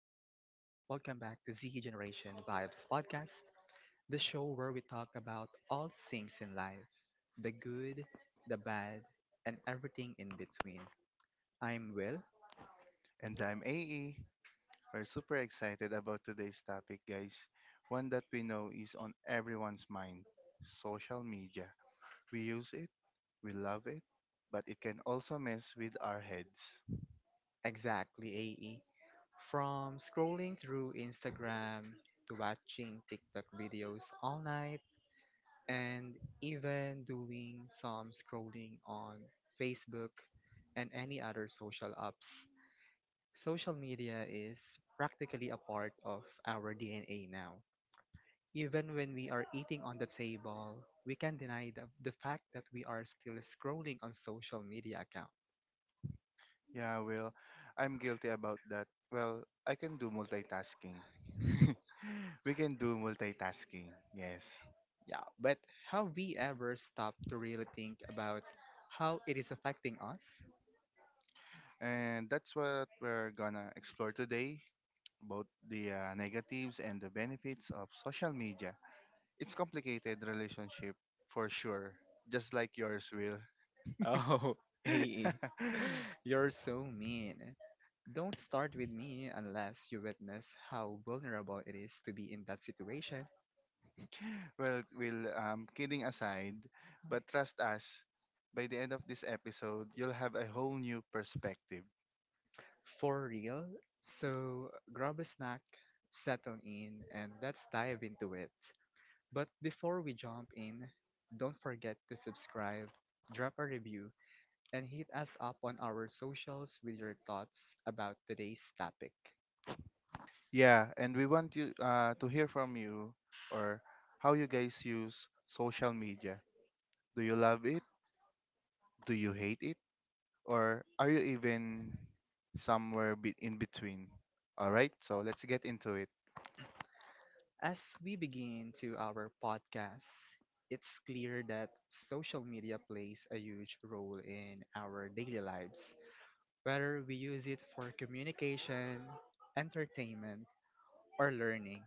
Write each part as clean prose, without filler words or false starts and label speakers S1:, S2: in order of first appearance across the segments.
S1: Welcome back to Z Generation Vibes Podcast, the show where we talk about all things in life the good, the bad, and everything in between. I'm Will,
S2: And I'm AE. We're super excited about today's topic, guys. One that we know is on everyone's mind, social media. We use it, we love it, but it can also mess with our heads.
S1: exactly AE, from scrolling through Instagram to watching TikTok videos all night and even doing some scrolling on Facebook and any other social apps. Social media is practically a part of our DNA now. Even when we are eating on the table, we can't deny the fact that we are still scrolling on social media account.
S2: Yeah, well, I'm guilty about that. Well, I can do multitasking. We can do multitasking, yes.
S1: Yeah, but have we ever stopped to really think about how it is affecting us?
S2: And that's what we're gonna explore today, both the negatives and the benefits of social media. It's complicated relationship for sure, just like yours, Will.
S1: Oh, hey, you're so mean. Don't start with me unless you witness how vulnerable it is to be in that situation.
S2: Well, Will, kidding aside, but trust us, by the end of this episode, you'll have a whole new perspective.
S1: For real? So grab a snack, settle in, and let's dive into it. But before we jump in, don't forget to subscribe, drop a review, and hit us up on our socials with your thoughts about today's topic.
S2: Yeah, and we want you to hear from you, or how you guys use social media. Do you love it? Do you hate it? Or are you even somewhere in between? All right, so let's get into it.
S1: As we begin to our podcast, it's clear that social media plays a huge role in our daily lives, whether we use it for communication, entertainment, or learning.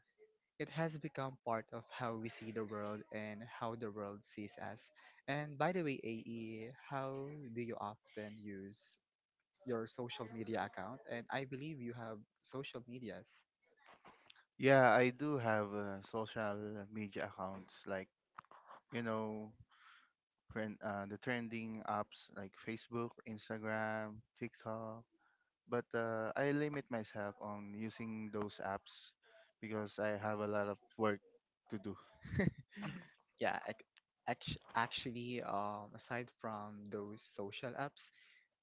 S1: It has become part of how we see the world and how the world sees us. And by the way, AE, how do you often use your social media account? And I believe you have social medias.
S2: Yeah, I do have social media accounts like, you know, the trending apps like Facebook, Instagram, TikTok. But I limit myself on using those apps because I have a lot of work to do.
S1: Yeah, ac- Aside from those social apps,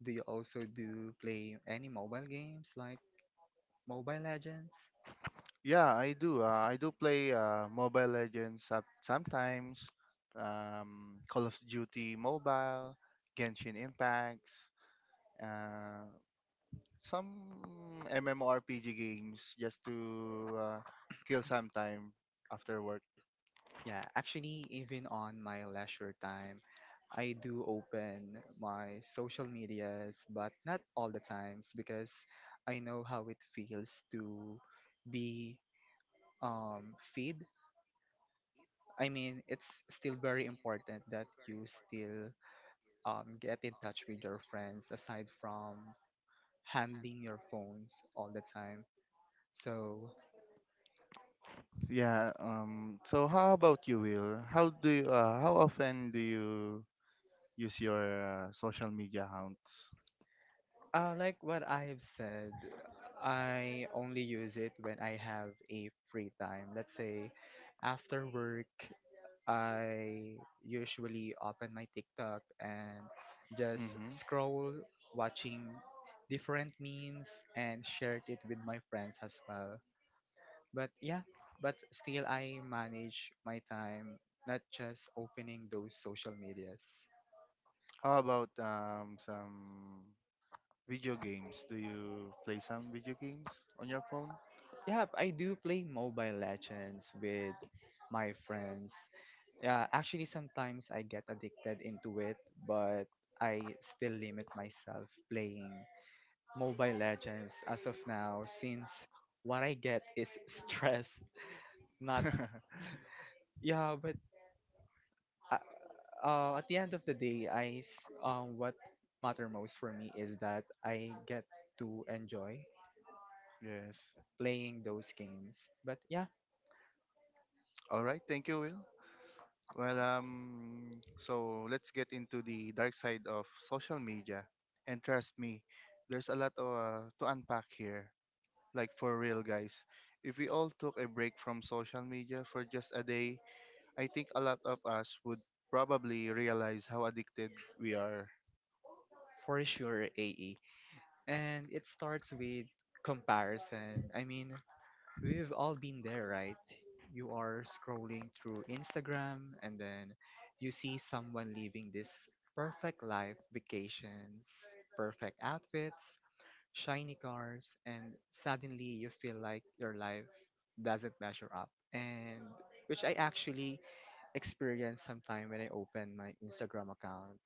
S1: do you also do play any mobile games like Mobile Legends?
S2: Yeah, I do. I do play Mobile Legends sometimes, Call of Duty Mobile, Genshin Impacts. uh, Some MMORPG games just to kill some time after work.
S1: Yeah, actually, even on my leisure time, I do open my social medias, but not all the times because I know how it feels to be feed. I mean, it's still very important that you still get in touch with your friends aside from handing your phones all the time. So
S2: Yeah. So how about you, Will? How often do you use your social media accounts?
S1: Like what I have said, I only use it when I have a free time. Let's say after work, I usually open my TikTok and just
S2: Mm-hmm.
S1: scroll, watching different memes and shared it with my friends as well. But yeah, but still I manage my time, not just opening those social medias.
S2: How about some video games? Do you play some video games on your phone?
S1: Yeah, I do play Mobile Legends with my friends. Yeah, actually, sometimes I get addicted into it, but I still limit myself playing Mobile Legends as of now, since what I get is stress. Not yeah, but uh, at the end of the day, what matter most for me is that I get to enjoy
S2: Yes.
S1: playing those games. But yeah,
S2: All right. Thank you, Will. Well, so let's get into the dark side of social media. And trust me, there's a lot of, to unpack here. Like for real, guys. If we all took a break from social media for just a day, I think a lot of us would probably realize how addicted we are.
S1: for sure, AE, and it starts with comparison. I mean, we've all been there, right? You are scrolling through Instagram and then you see someone living this perfect life, vacations, perfect outfits, shiny cars, and suddenly you feel like your life doesn't measure up. And which I actually experienced sometime when I opened my Instagram account.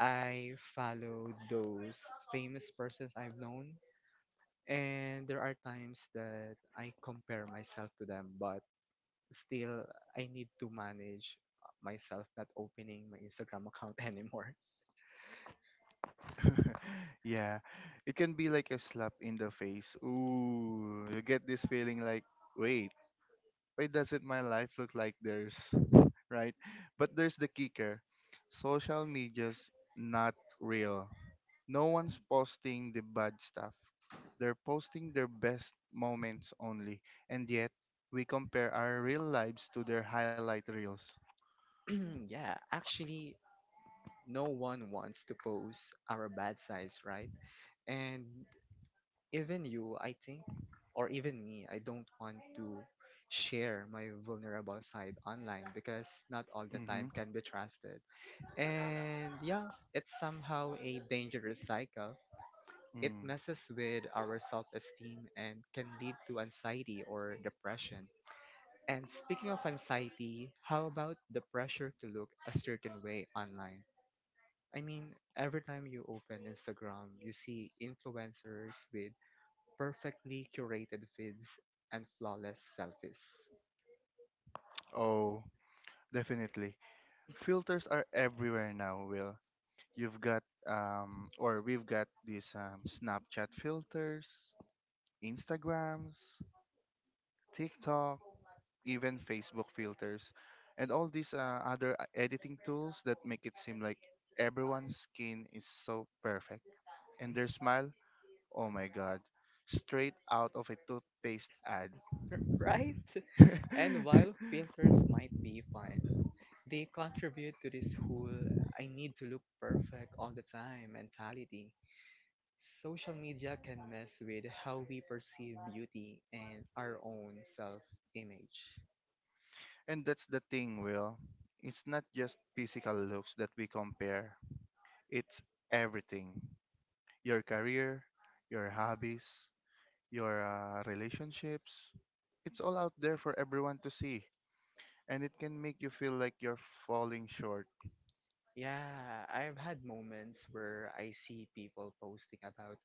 S1: I follow those famous persons I've known and there are times that I compare myself to them, but still I need to manage myself not opening my Instagram account anymore.
S2: Yeah, it can be like a slap in the face. Ooh, you get this feeling like, wait, why doesn't my life look like theirs? Right? But there's the kicker, social media's not real. No one's posting the bad stuff, they're posting their best moments only. And yet, we compare our real lives to their highlight reels.
S1: Yeah, actually, no one wants to post our bad sides, right? And even you, I think, or even me, I don't want to share my vulnerable side online because not all the
S2: Mm-hmm.
S1: time can be trusted. And yeah, it's somehow a dangerous cycle. It
S2: Mm.
S1: messes with our self esteem and can lead to anxiety or depression. And speaking of anxiety, how about the pressure to look a certain way online? I mean, every time you open Instagram, you see influencers with perfectly curated feeds and flawless selfies.
S2: Oh, definitely. Filters are everywhere now, Will. You've got or we've got these Snapchat filters, Instagrams, TikTok, even Facebook filters, and all these other editing tools that make it seem like everyone's skin is so perfect. And their smile, oh my god, straight out of a toothpaste ad.
S1: Right? And while filters might be fun, they contribute to this whole I need to look perfect all the time mentality. Social media can mess with how we perceive beauty and our own self image.
S2: And that's the thing, Will. It's not just physical looks that we compare. It's everything, your career, your hobbies, your relationships. It's all out there for everyone to see, and it can make you feel like you're falling short.
S1: Yeah, I've had moments where I see people posting about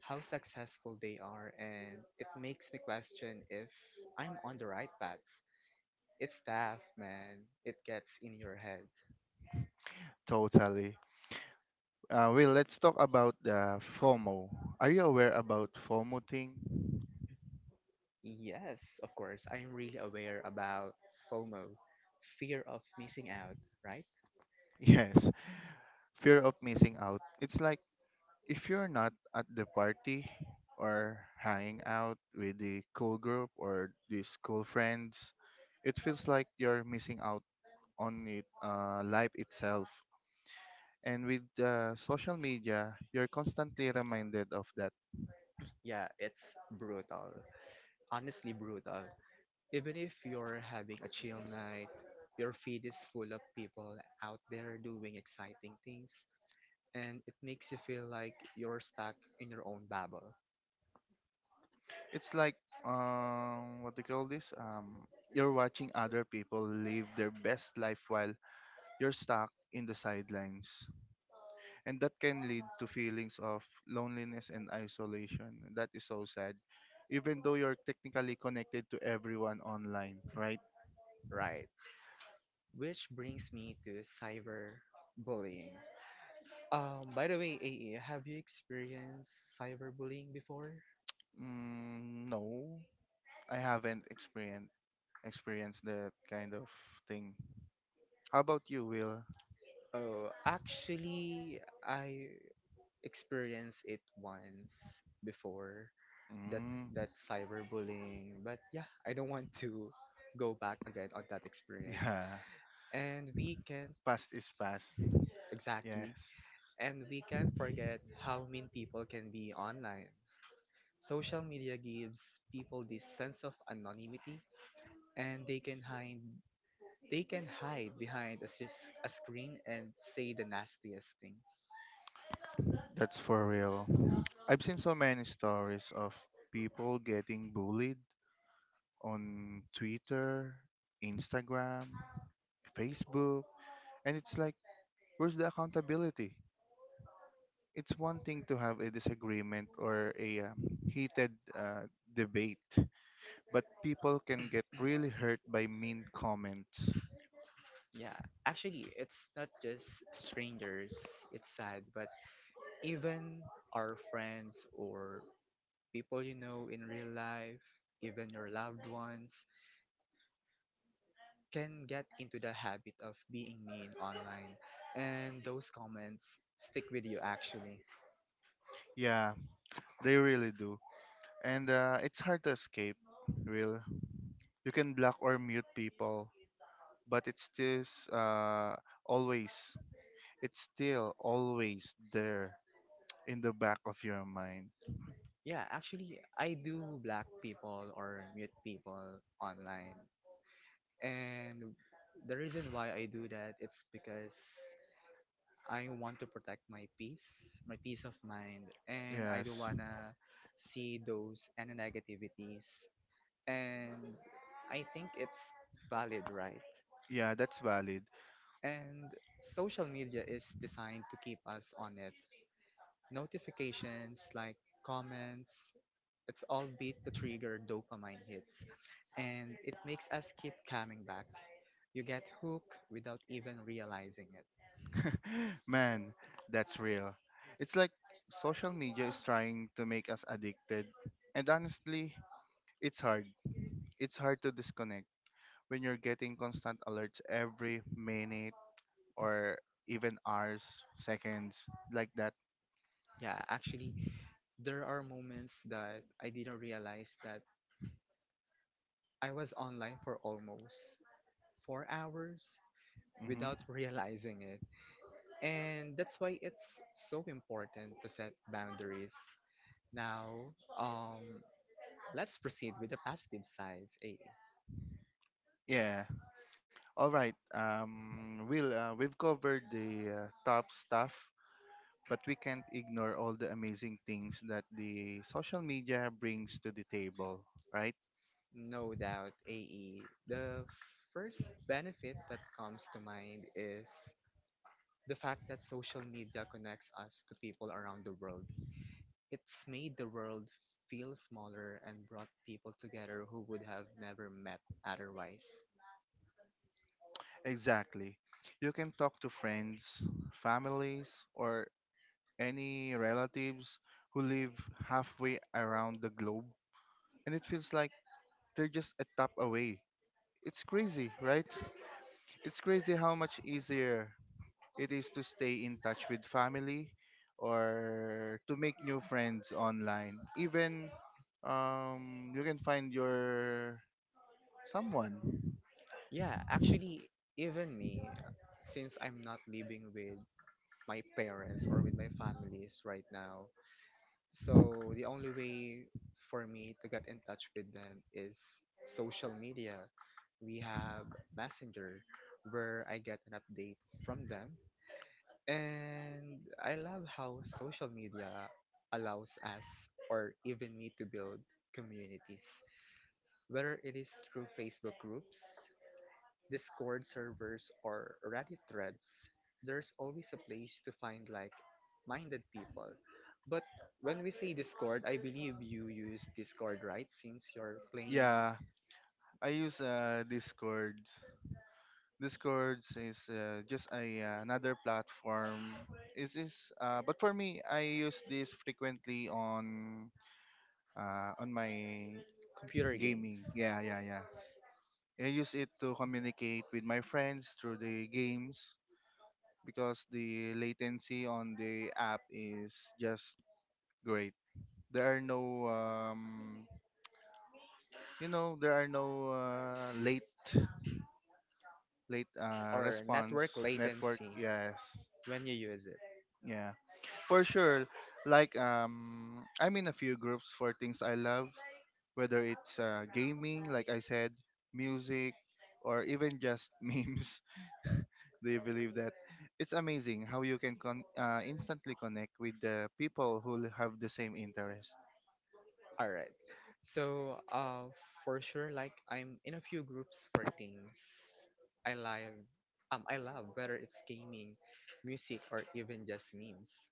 S1: how successful they are, and it makes me question if I'm on the right path. It's tough, man. It gets in your head.
S2: Totally. Well, let's talk about FOMO. Are you aware about FOMO thing?
S1: Yes, of course, I'm really aware about FOMO, fear of missing out, right?
S2: Yes, fear of missing out. It's like if you're not at the party or hanging out with the cool group or these cool friends, it feels like you're missing out on life itself. And with social media, you're constantly reminded of that.
S1: Yeah, it's brutal. Honestly, brutal. Even if you're having a chill night, your feed is full of people out there doing exciting things and it makes you feel like you're stuck in your own bubble,
S2: It's like, what do you call this? You're watching other people live their best life while you're stuck in the sidelines. And that can lead to feelings of loneliness and isolation. That is so sad. Even though you're technically connected to everyone online, right?
S1: right? Which brings me to cyberbullying. By the way, AE, have you experienced cyberbullying before?
S2: Mm, no, I haven't experienced that kind of thing. How about you, Will?
S1: Oh, actually, I experienced it once before that
S2: Mm,
S1: that cyberbullying, but yeah, I don't want to go back again on that experience.
S2: yeah,
S1: And we can't
S2: past is past.
S1: exactly,
S2: Yes,
S1: and we can't forget how mean people can be online. Social media gives people this sense of anonymity and they can hide behind a, sis- a screen and say the nastiest things.
S2: that's for real. I've seen so many stories of people getting bullied on Twitter, Instagram, Facebook, and it's like, where's the accountability? It's one thing to have a disagreement or a heated debate, but people can get really hurt by mean comments.
S1: Yeah, actually, it's not just strangers. It's sad, but even our friends or people you know in real life, even your loved ones, can get into the habit of being mean online, and those comments stick with you actually.
S2: Yeah, they really do. And it's hard to escape, Will. You can block or mute people, but uh, always, it's still always there in the back of your mind.
S1: Yeah, actually, I do black people or mute people online. And the reason why I do that it's because I want to protect my peace of mind, and I don't
S2: Yes.
S1: wanna see those and negativities. And I think it's valid, right?
S2: Yeah, that's valid.
S1: And social media is designed to keep us on it. Notifications like comments, it's all beat to trigger dopamine hits, and it makes us keep coming back. You get hooked without even realizing it.
S2: Man, that's real. It's like social media is trying to make us addicted. And honestly, it's hard. It's hard to disconnect when you're getting constant alerts every minute or even hours, seconds, like that.
S1: Yeah, actually, there are moments that I didn't realize that I was online for almost 4 hours without
S2: Hmm.
S1: realizing it. And that's why it's so important to set boundaries. Now, let's proceed with the positive sides. Eh?
S2: Yeah. All right. We've covered the top stuff, but we can't ignore all the amazing things that the social media brings to the table, right?
S1: No doubt, AE. The first benefit that comes to mind is the fact that social media connects us to people around the world. It's made the world feel smaller and brought people together who would have never met otherwise.
S2: Exactly. You can talk to friends, families, or any relatives who live halfway around the globe, and it feels like they're just a tap away. It's crazy, right? It's crazy how much easier it is to stay in touch with family or to make new friends online. Even you can find your someone.
S1: Yeah, actually, even me, since I'm not living with my parents or with my families right now, so the only way for me to get in touch with them is social media. We have Messenger where I get an update from them. And I love how social media allows us or even me to build communities, whether it is through Facebook groups, Discord servers or Reddit threads, there's always a place to find like minded people. But when we say Discord, I believe you use Discord, right? Since you're playing
S2: Yeah, I use Discord. Discord is just a another platform. Is this? But for me, I use this frequently on my
S1: computer games.
S2: gaming. Yeah, yeah, yeah. I use it to communicate with my friends through the games because the latency on the app is just great. There are no there are no late late
S1: Yeah. Or
S2: response
S1: network
S2: network.
S1: latency
S2: Yes,
S1: when you use it.
S2: yeah. For sure. Like I'm in a few groups for things I love, whether it's gaming, like I said, music, or even just memes. Do you believe that? It's amazing how you can instantly connect with the people who have the same interest.
S1: All right. So, for sure, like I'm in a few groups for things I love. I love whether it's gaming, music, or even just memes.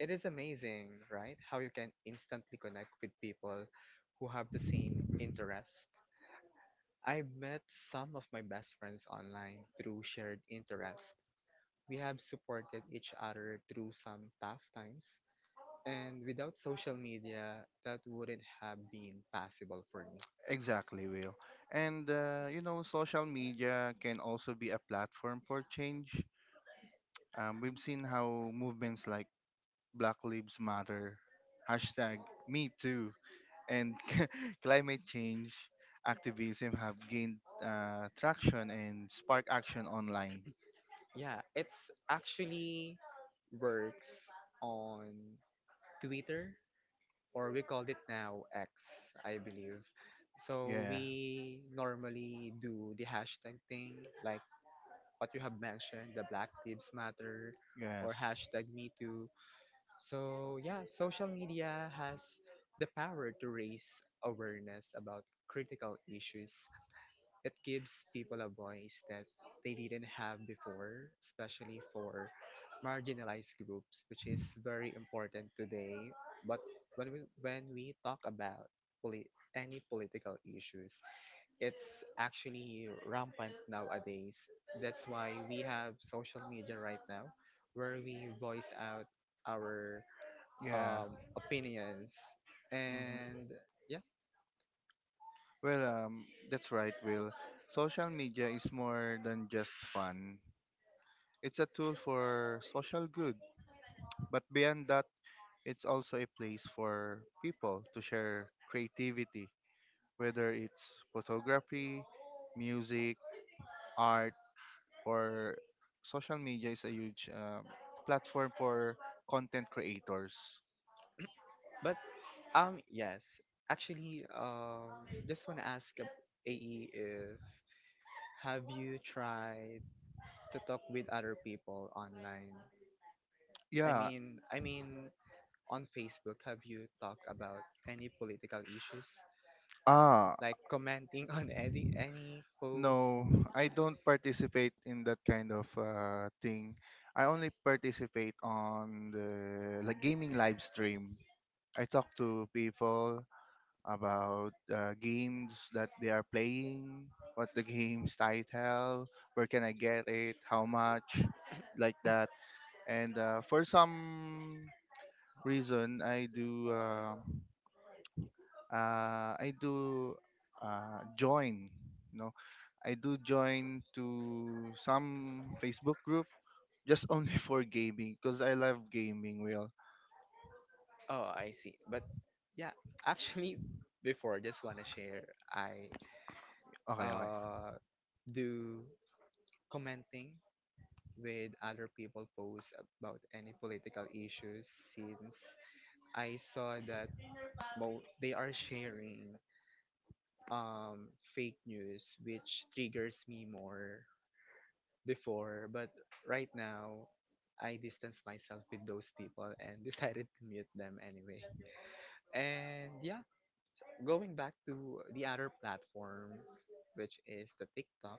S1: It is amazing, right? How you can instantly connect with people who have the same interests. I've met some of my best friends online through shared interests. We have supported each other through some tough times, and without social media, that wouldn't have been possible for me.
S2: Exactly, Will. And you know, social media can also be a platform for change. We've seen how movements like Black Lives Matter, hashtag Me Too, and climate change activism have gained traction and spark action online.
S1: Yeah, it's actually works on Twitter or we called it now X, I believe. So
S2: Yeah.
S1: we normally do the hashtag thing, like what you have mentioned, the Black Lives Matter or
S2: Yes.
S1: hashtag Me Too. So yeah, social media has the power to raise awareness about critical issues. It gives people a voice that they didn't have before, especially for marginalized groups, which is very important today. But when we talk about poli- any political issues, it's actually rampant nowadays. That's why we have social media right now, where we voice out our
S2: Yeah.
S1: opinions
S2: Hmm.
S1: and yeah.
S2: Well, that's right, Will. Social media is more than just fun. It's a tool for social good. But beyond that, it's also a place for people to share creativity, whether it's photography, music, art, or social media is a huge platform for content creators.
S1: But yes, actually just want to ask AE if have you tried to talk with other people online? I
S2: Yeah.
S1: mean, I mean, on Facebook, have you talked about any political issues,
S2: Ah,
S1: like commenting on any post?
S2: no, I don't participate in that kind of thing. I only participate on the like gaming live stream. I talk to people about games that they are playing, what the game's title, where can I get it, how much, like that. And for some reason, I do join, you know, I do join to some Facebook group just only for gaming because I love gaming, Will.
S1: Oh, I see. But yeah, actually, before just wanna share, I
S2: Okay, okay.
S1: uh do commenting with other people posts about any political issues since I saw that mo- they are sharing um fake news which triggers me more before, but right now I distance myself with those people and decided to mute them anyway. And yeah, going back to the other platforms which is the TikTok,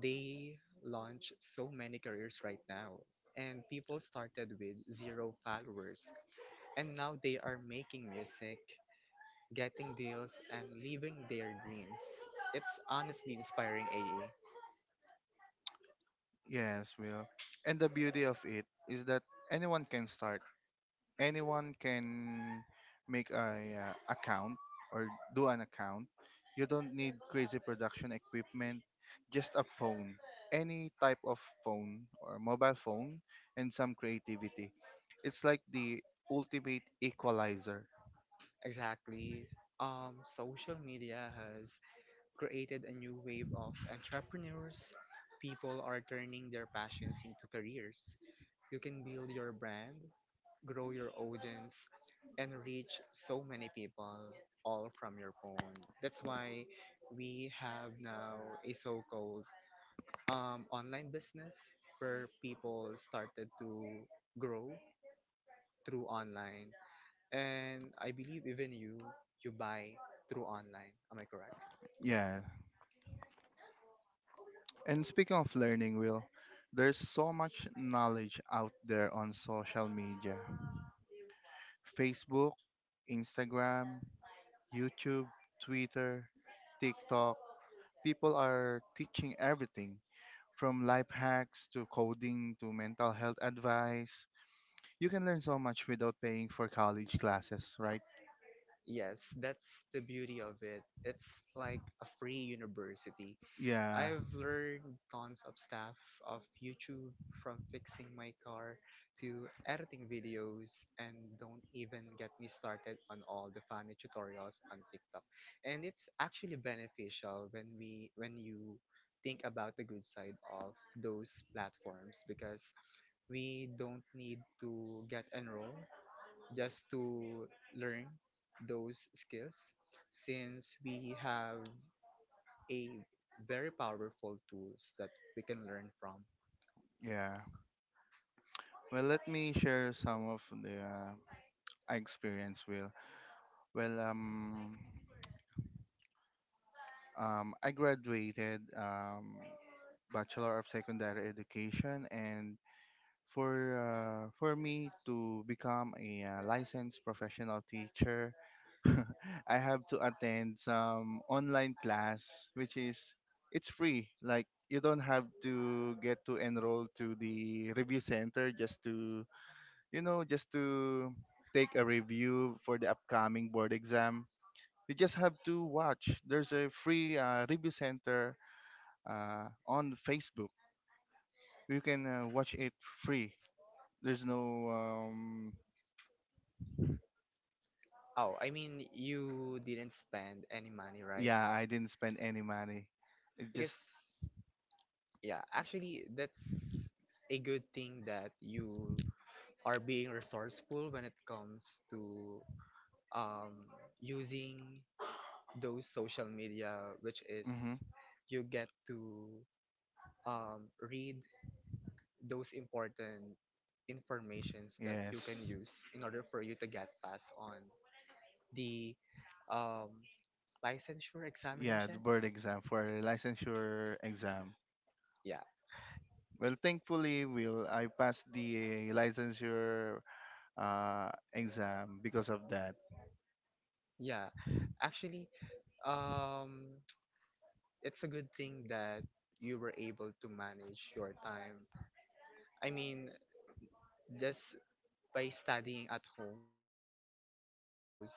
S1: they launch so many careers right now and people started with zero followers and now they are making music, getting deals and living their dreams. It's honestly inspiring, A. A.
S2: Yes, Will. And the beauty of it is that anyone can start, anyone can make a account or do an account. You don't need crazy production equipment, just a phone, any type of phone or mobile phone, and some creativity. It's like the ultimate equalizer.
S1: Exactly. Social media has created a new wave of entrepreneurs. People are turning their passions into careers. You can build your brand, grow your audience, and reach so many people all from your phone. That's why we have now a so called online business where people started to grow through online. And I believe even you buy through online. Am I correct?
S2: Yeah. And speaking of learning, Will, there's so much knowledge out there on social media. Facebook, Instagram, YouTube, Twitter, TikTok. People are teaching everything from life hacks to coding to mental health advice. You can learn so much without paying for college classes, right?
S1: Yes, that's the beauty of it. It's like a free university.
S2: Yeah,
S1: I've learned tons of stuff of YouTube from fixing my car to editing videos and don't even get me started on all the funny tutorials on TikTok. And it's actually beneficial when you think about the good side of those platforms because we don't need to get enrolled just to learn those skills since we have a very powerful tools that we can learn from.
S2: yeah. Well, let me share some of the I experience, Will. well, um, I graduated Bachelor of Secondary Education, and for me to become a licensed professional teacher, I have to attend some online class, which is it's free. Like you don't have to get to enroll to the review center just to you know just to take a review for the upcoming board exam. You just have to watch. There's a free review center on Facebook. You can watch it free. There's no
S1: Oh, I mean, you didn't spend any money, right?
S2: yeah, I didn't spend any money. It
S1: Because
S2: just
S1: yeah, actually, that's a good thing that you are being resourceful when it comes to um using those social media, which
S2: Mm-hmm.
S1: is you get to read those important informations that you
S2: Yes.
S1: can use in order for you to get past on the um, licensure
S2: Yeah, the
S1: examination.
S2: board exam for licensure exam.
S1: Yeah.
S2: Well, thankfully, Will, I passed the licensure exam because of that
S1: Yeah, actually, um it's a good thing that you were able to manage your time, I mean, just by studying at home and watching those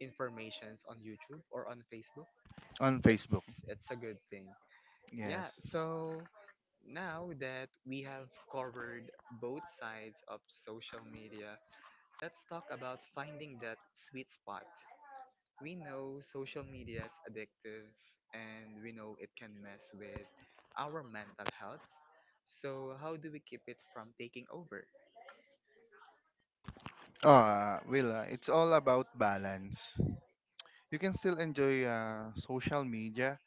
S1: informations on YouTube or on Facebook.
S2: on Facebook.
S1: It's it's a good thing. Yeah,
S2: Yes. Oh,
S1: so now that we have covered both sides of social media, let's talk about finding that sweet spot. We know social media is addictive and we know it can mess with our mental health. So, how do we keep it from taking over?
S2: Will, it's all about balance. You can still enjoy social media,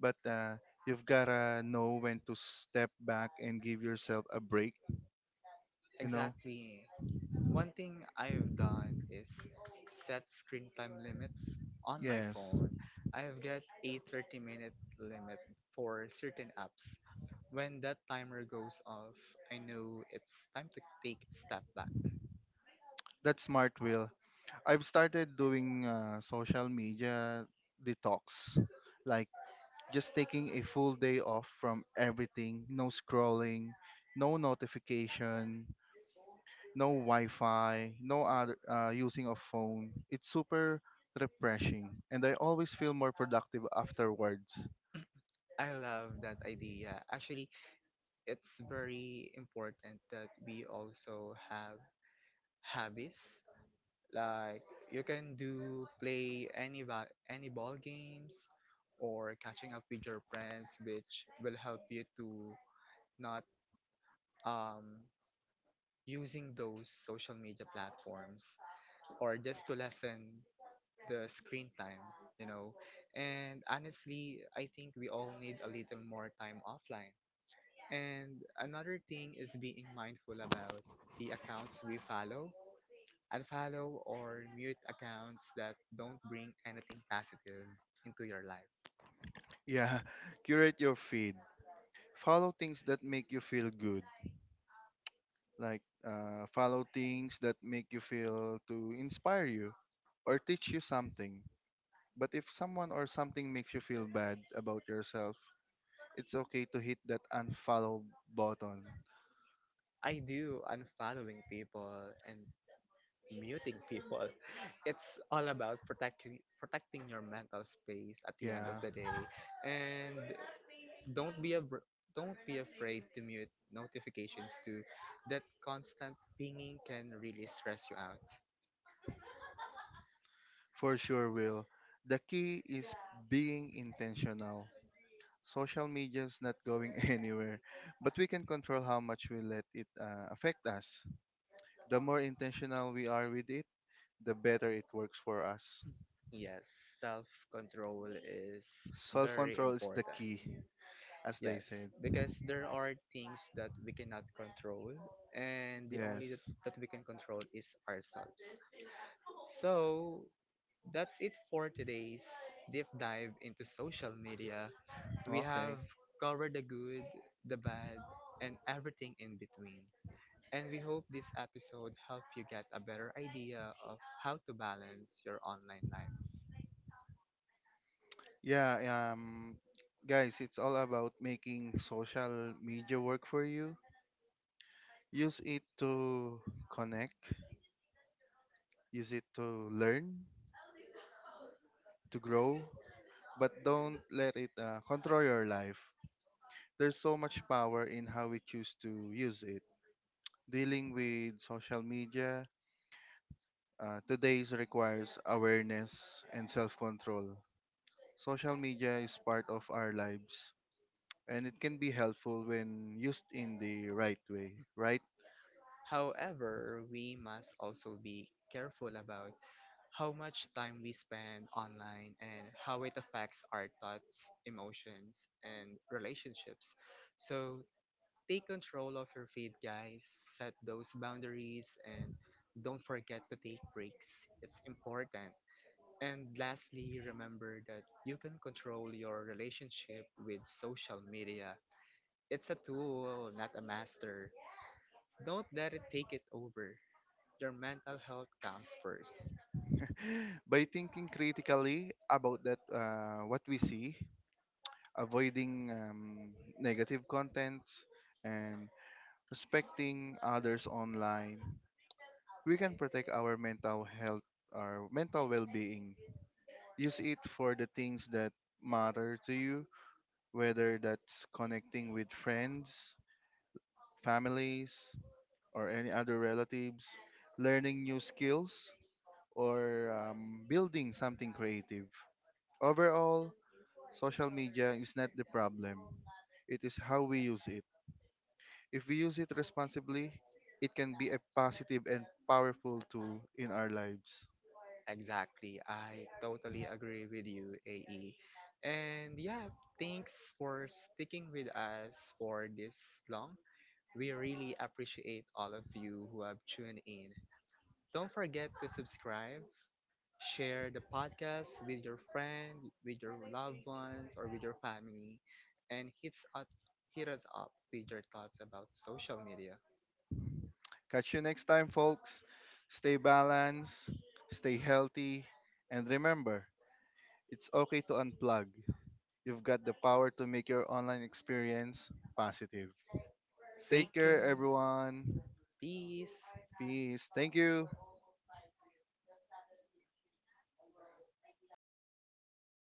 S2: but you've gotta know when to step back and give yourself a break. You know,
S1: Exactly. One thing I've done is set screen time limits on my
S2: yes,
S1: phone. I've got a 30-minute minute limit for certain apps. When that timer goes off, I know it's time to take a step back.
S2: that's smart, Will. I've started doing social media detox, like just taking a full day off from everything. No scrolling, no notification, no Wi-Fi, no other using of phone. It's super refreshing, and I always feel more productive afterwards.
S1: I love that idea. Actually, it's very important that we also have habits. Like you can do play any ball games or catching up with your friends, which will help you to not um using those social media platforms or just to lessen the screen time, you know. And honestly, I think we all need a little more time offline. And another thing is being mindful about the accounts we follow. Unfollow or mute accounts that don't bring anything positive into your life.
S2: Yeah. Curate your feed, follow things that make you feel good, like follow things that make you feel to inspire you or teach you something. But if someone or something makes you feel bad about yourself, it's okay to hit that unfollow button.
S1: I do unfollowing people and muting people. It's all about protecting your mental space at the end of
S2: Yeah,
S1: the day. And don't be a don't be afraid to mute notifications too. That constant pinging can really stress you out.
S2: for sure, Will. The key is being intentional. Social media is not going anywhere, but we can control how much we let it affect us. The more intentional we are with it, the better it works for us.
S1: Yes, self-control is
S2: Self
S1: very
S2: control is the
S1: important.
S2: key, as they
S1: Yes,
S2: said.
S1: because there are things that we cannot control, and the only that,
S2: Yes.
S1: that we can control is ourselves. So that's it for today's deep dive into social media. We
S2: Okay.
S1: have covered the good, the bad, and everything in between. And we hope this episode helped you get a better idea of how to balance your online life.
S2: Yeah. Um, guys, it's all about making social media work for you. Use it to connect. Use it to learn, to grow, but don't let it control your life. There's so much power in how we choose to use it. Dealing with social media today requires awareness and self-control. Social media is part of our lives, and it can be helpful when used in the right way, right?
S1: However, we must also be careful about how much time we spend online and how it affects our thoughts, emotions, and relationships. So take control of your feed, guys. Set those boundaries and don't forget to take breaks. It's important. And lastly, remember that you can control your relationship with social media. It's a tool, not a master. Don't let it take it over. Their mental health comes first.
S2: By thinking critically about that what we see, avoiding negative contents and respecting others online, we can protect our mental health, our mental well-being. Use it for the things that matter to you, whether that's connecting with friends, families, or any other relatives, learning new skills, or building something creative. Overall, social media is not the problem, it is how we use it. If we use it responsibly, it can be a positive and powerful tool in our lives.
S1: Exactly. I totally agree with you, AE. And yeah, thanks for sticking with us for this long. We really appreciate all of you who have tuned in. Don't forget to subscribe, share the podcast with your friend, with your loved ones, or with your family, and hit us up with your thoughts about social media.
S2: Catch you next time, folks. Stay balanced, stay healthy, and remember, it's okay to unplug. You've got the power to make your online experience positive. Take
S1: Take
S2: care,
S1: care.
S2: everyone.
S1: Peace.
S2: Peace. Thank you.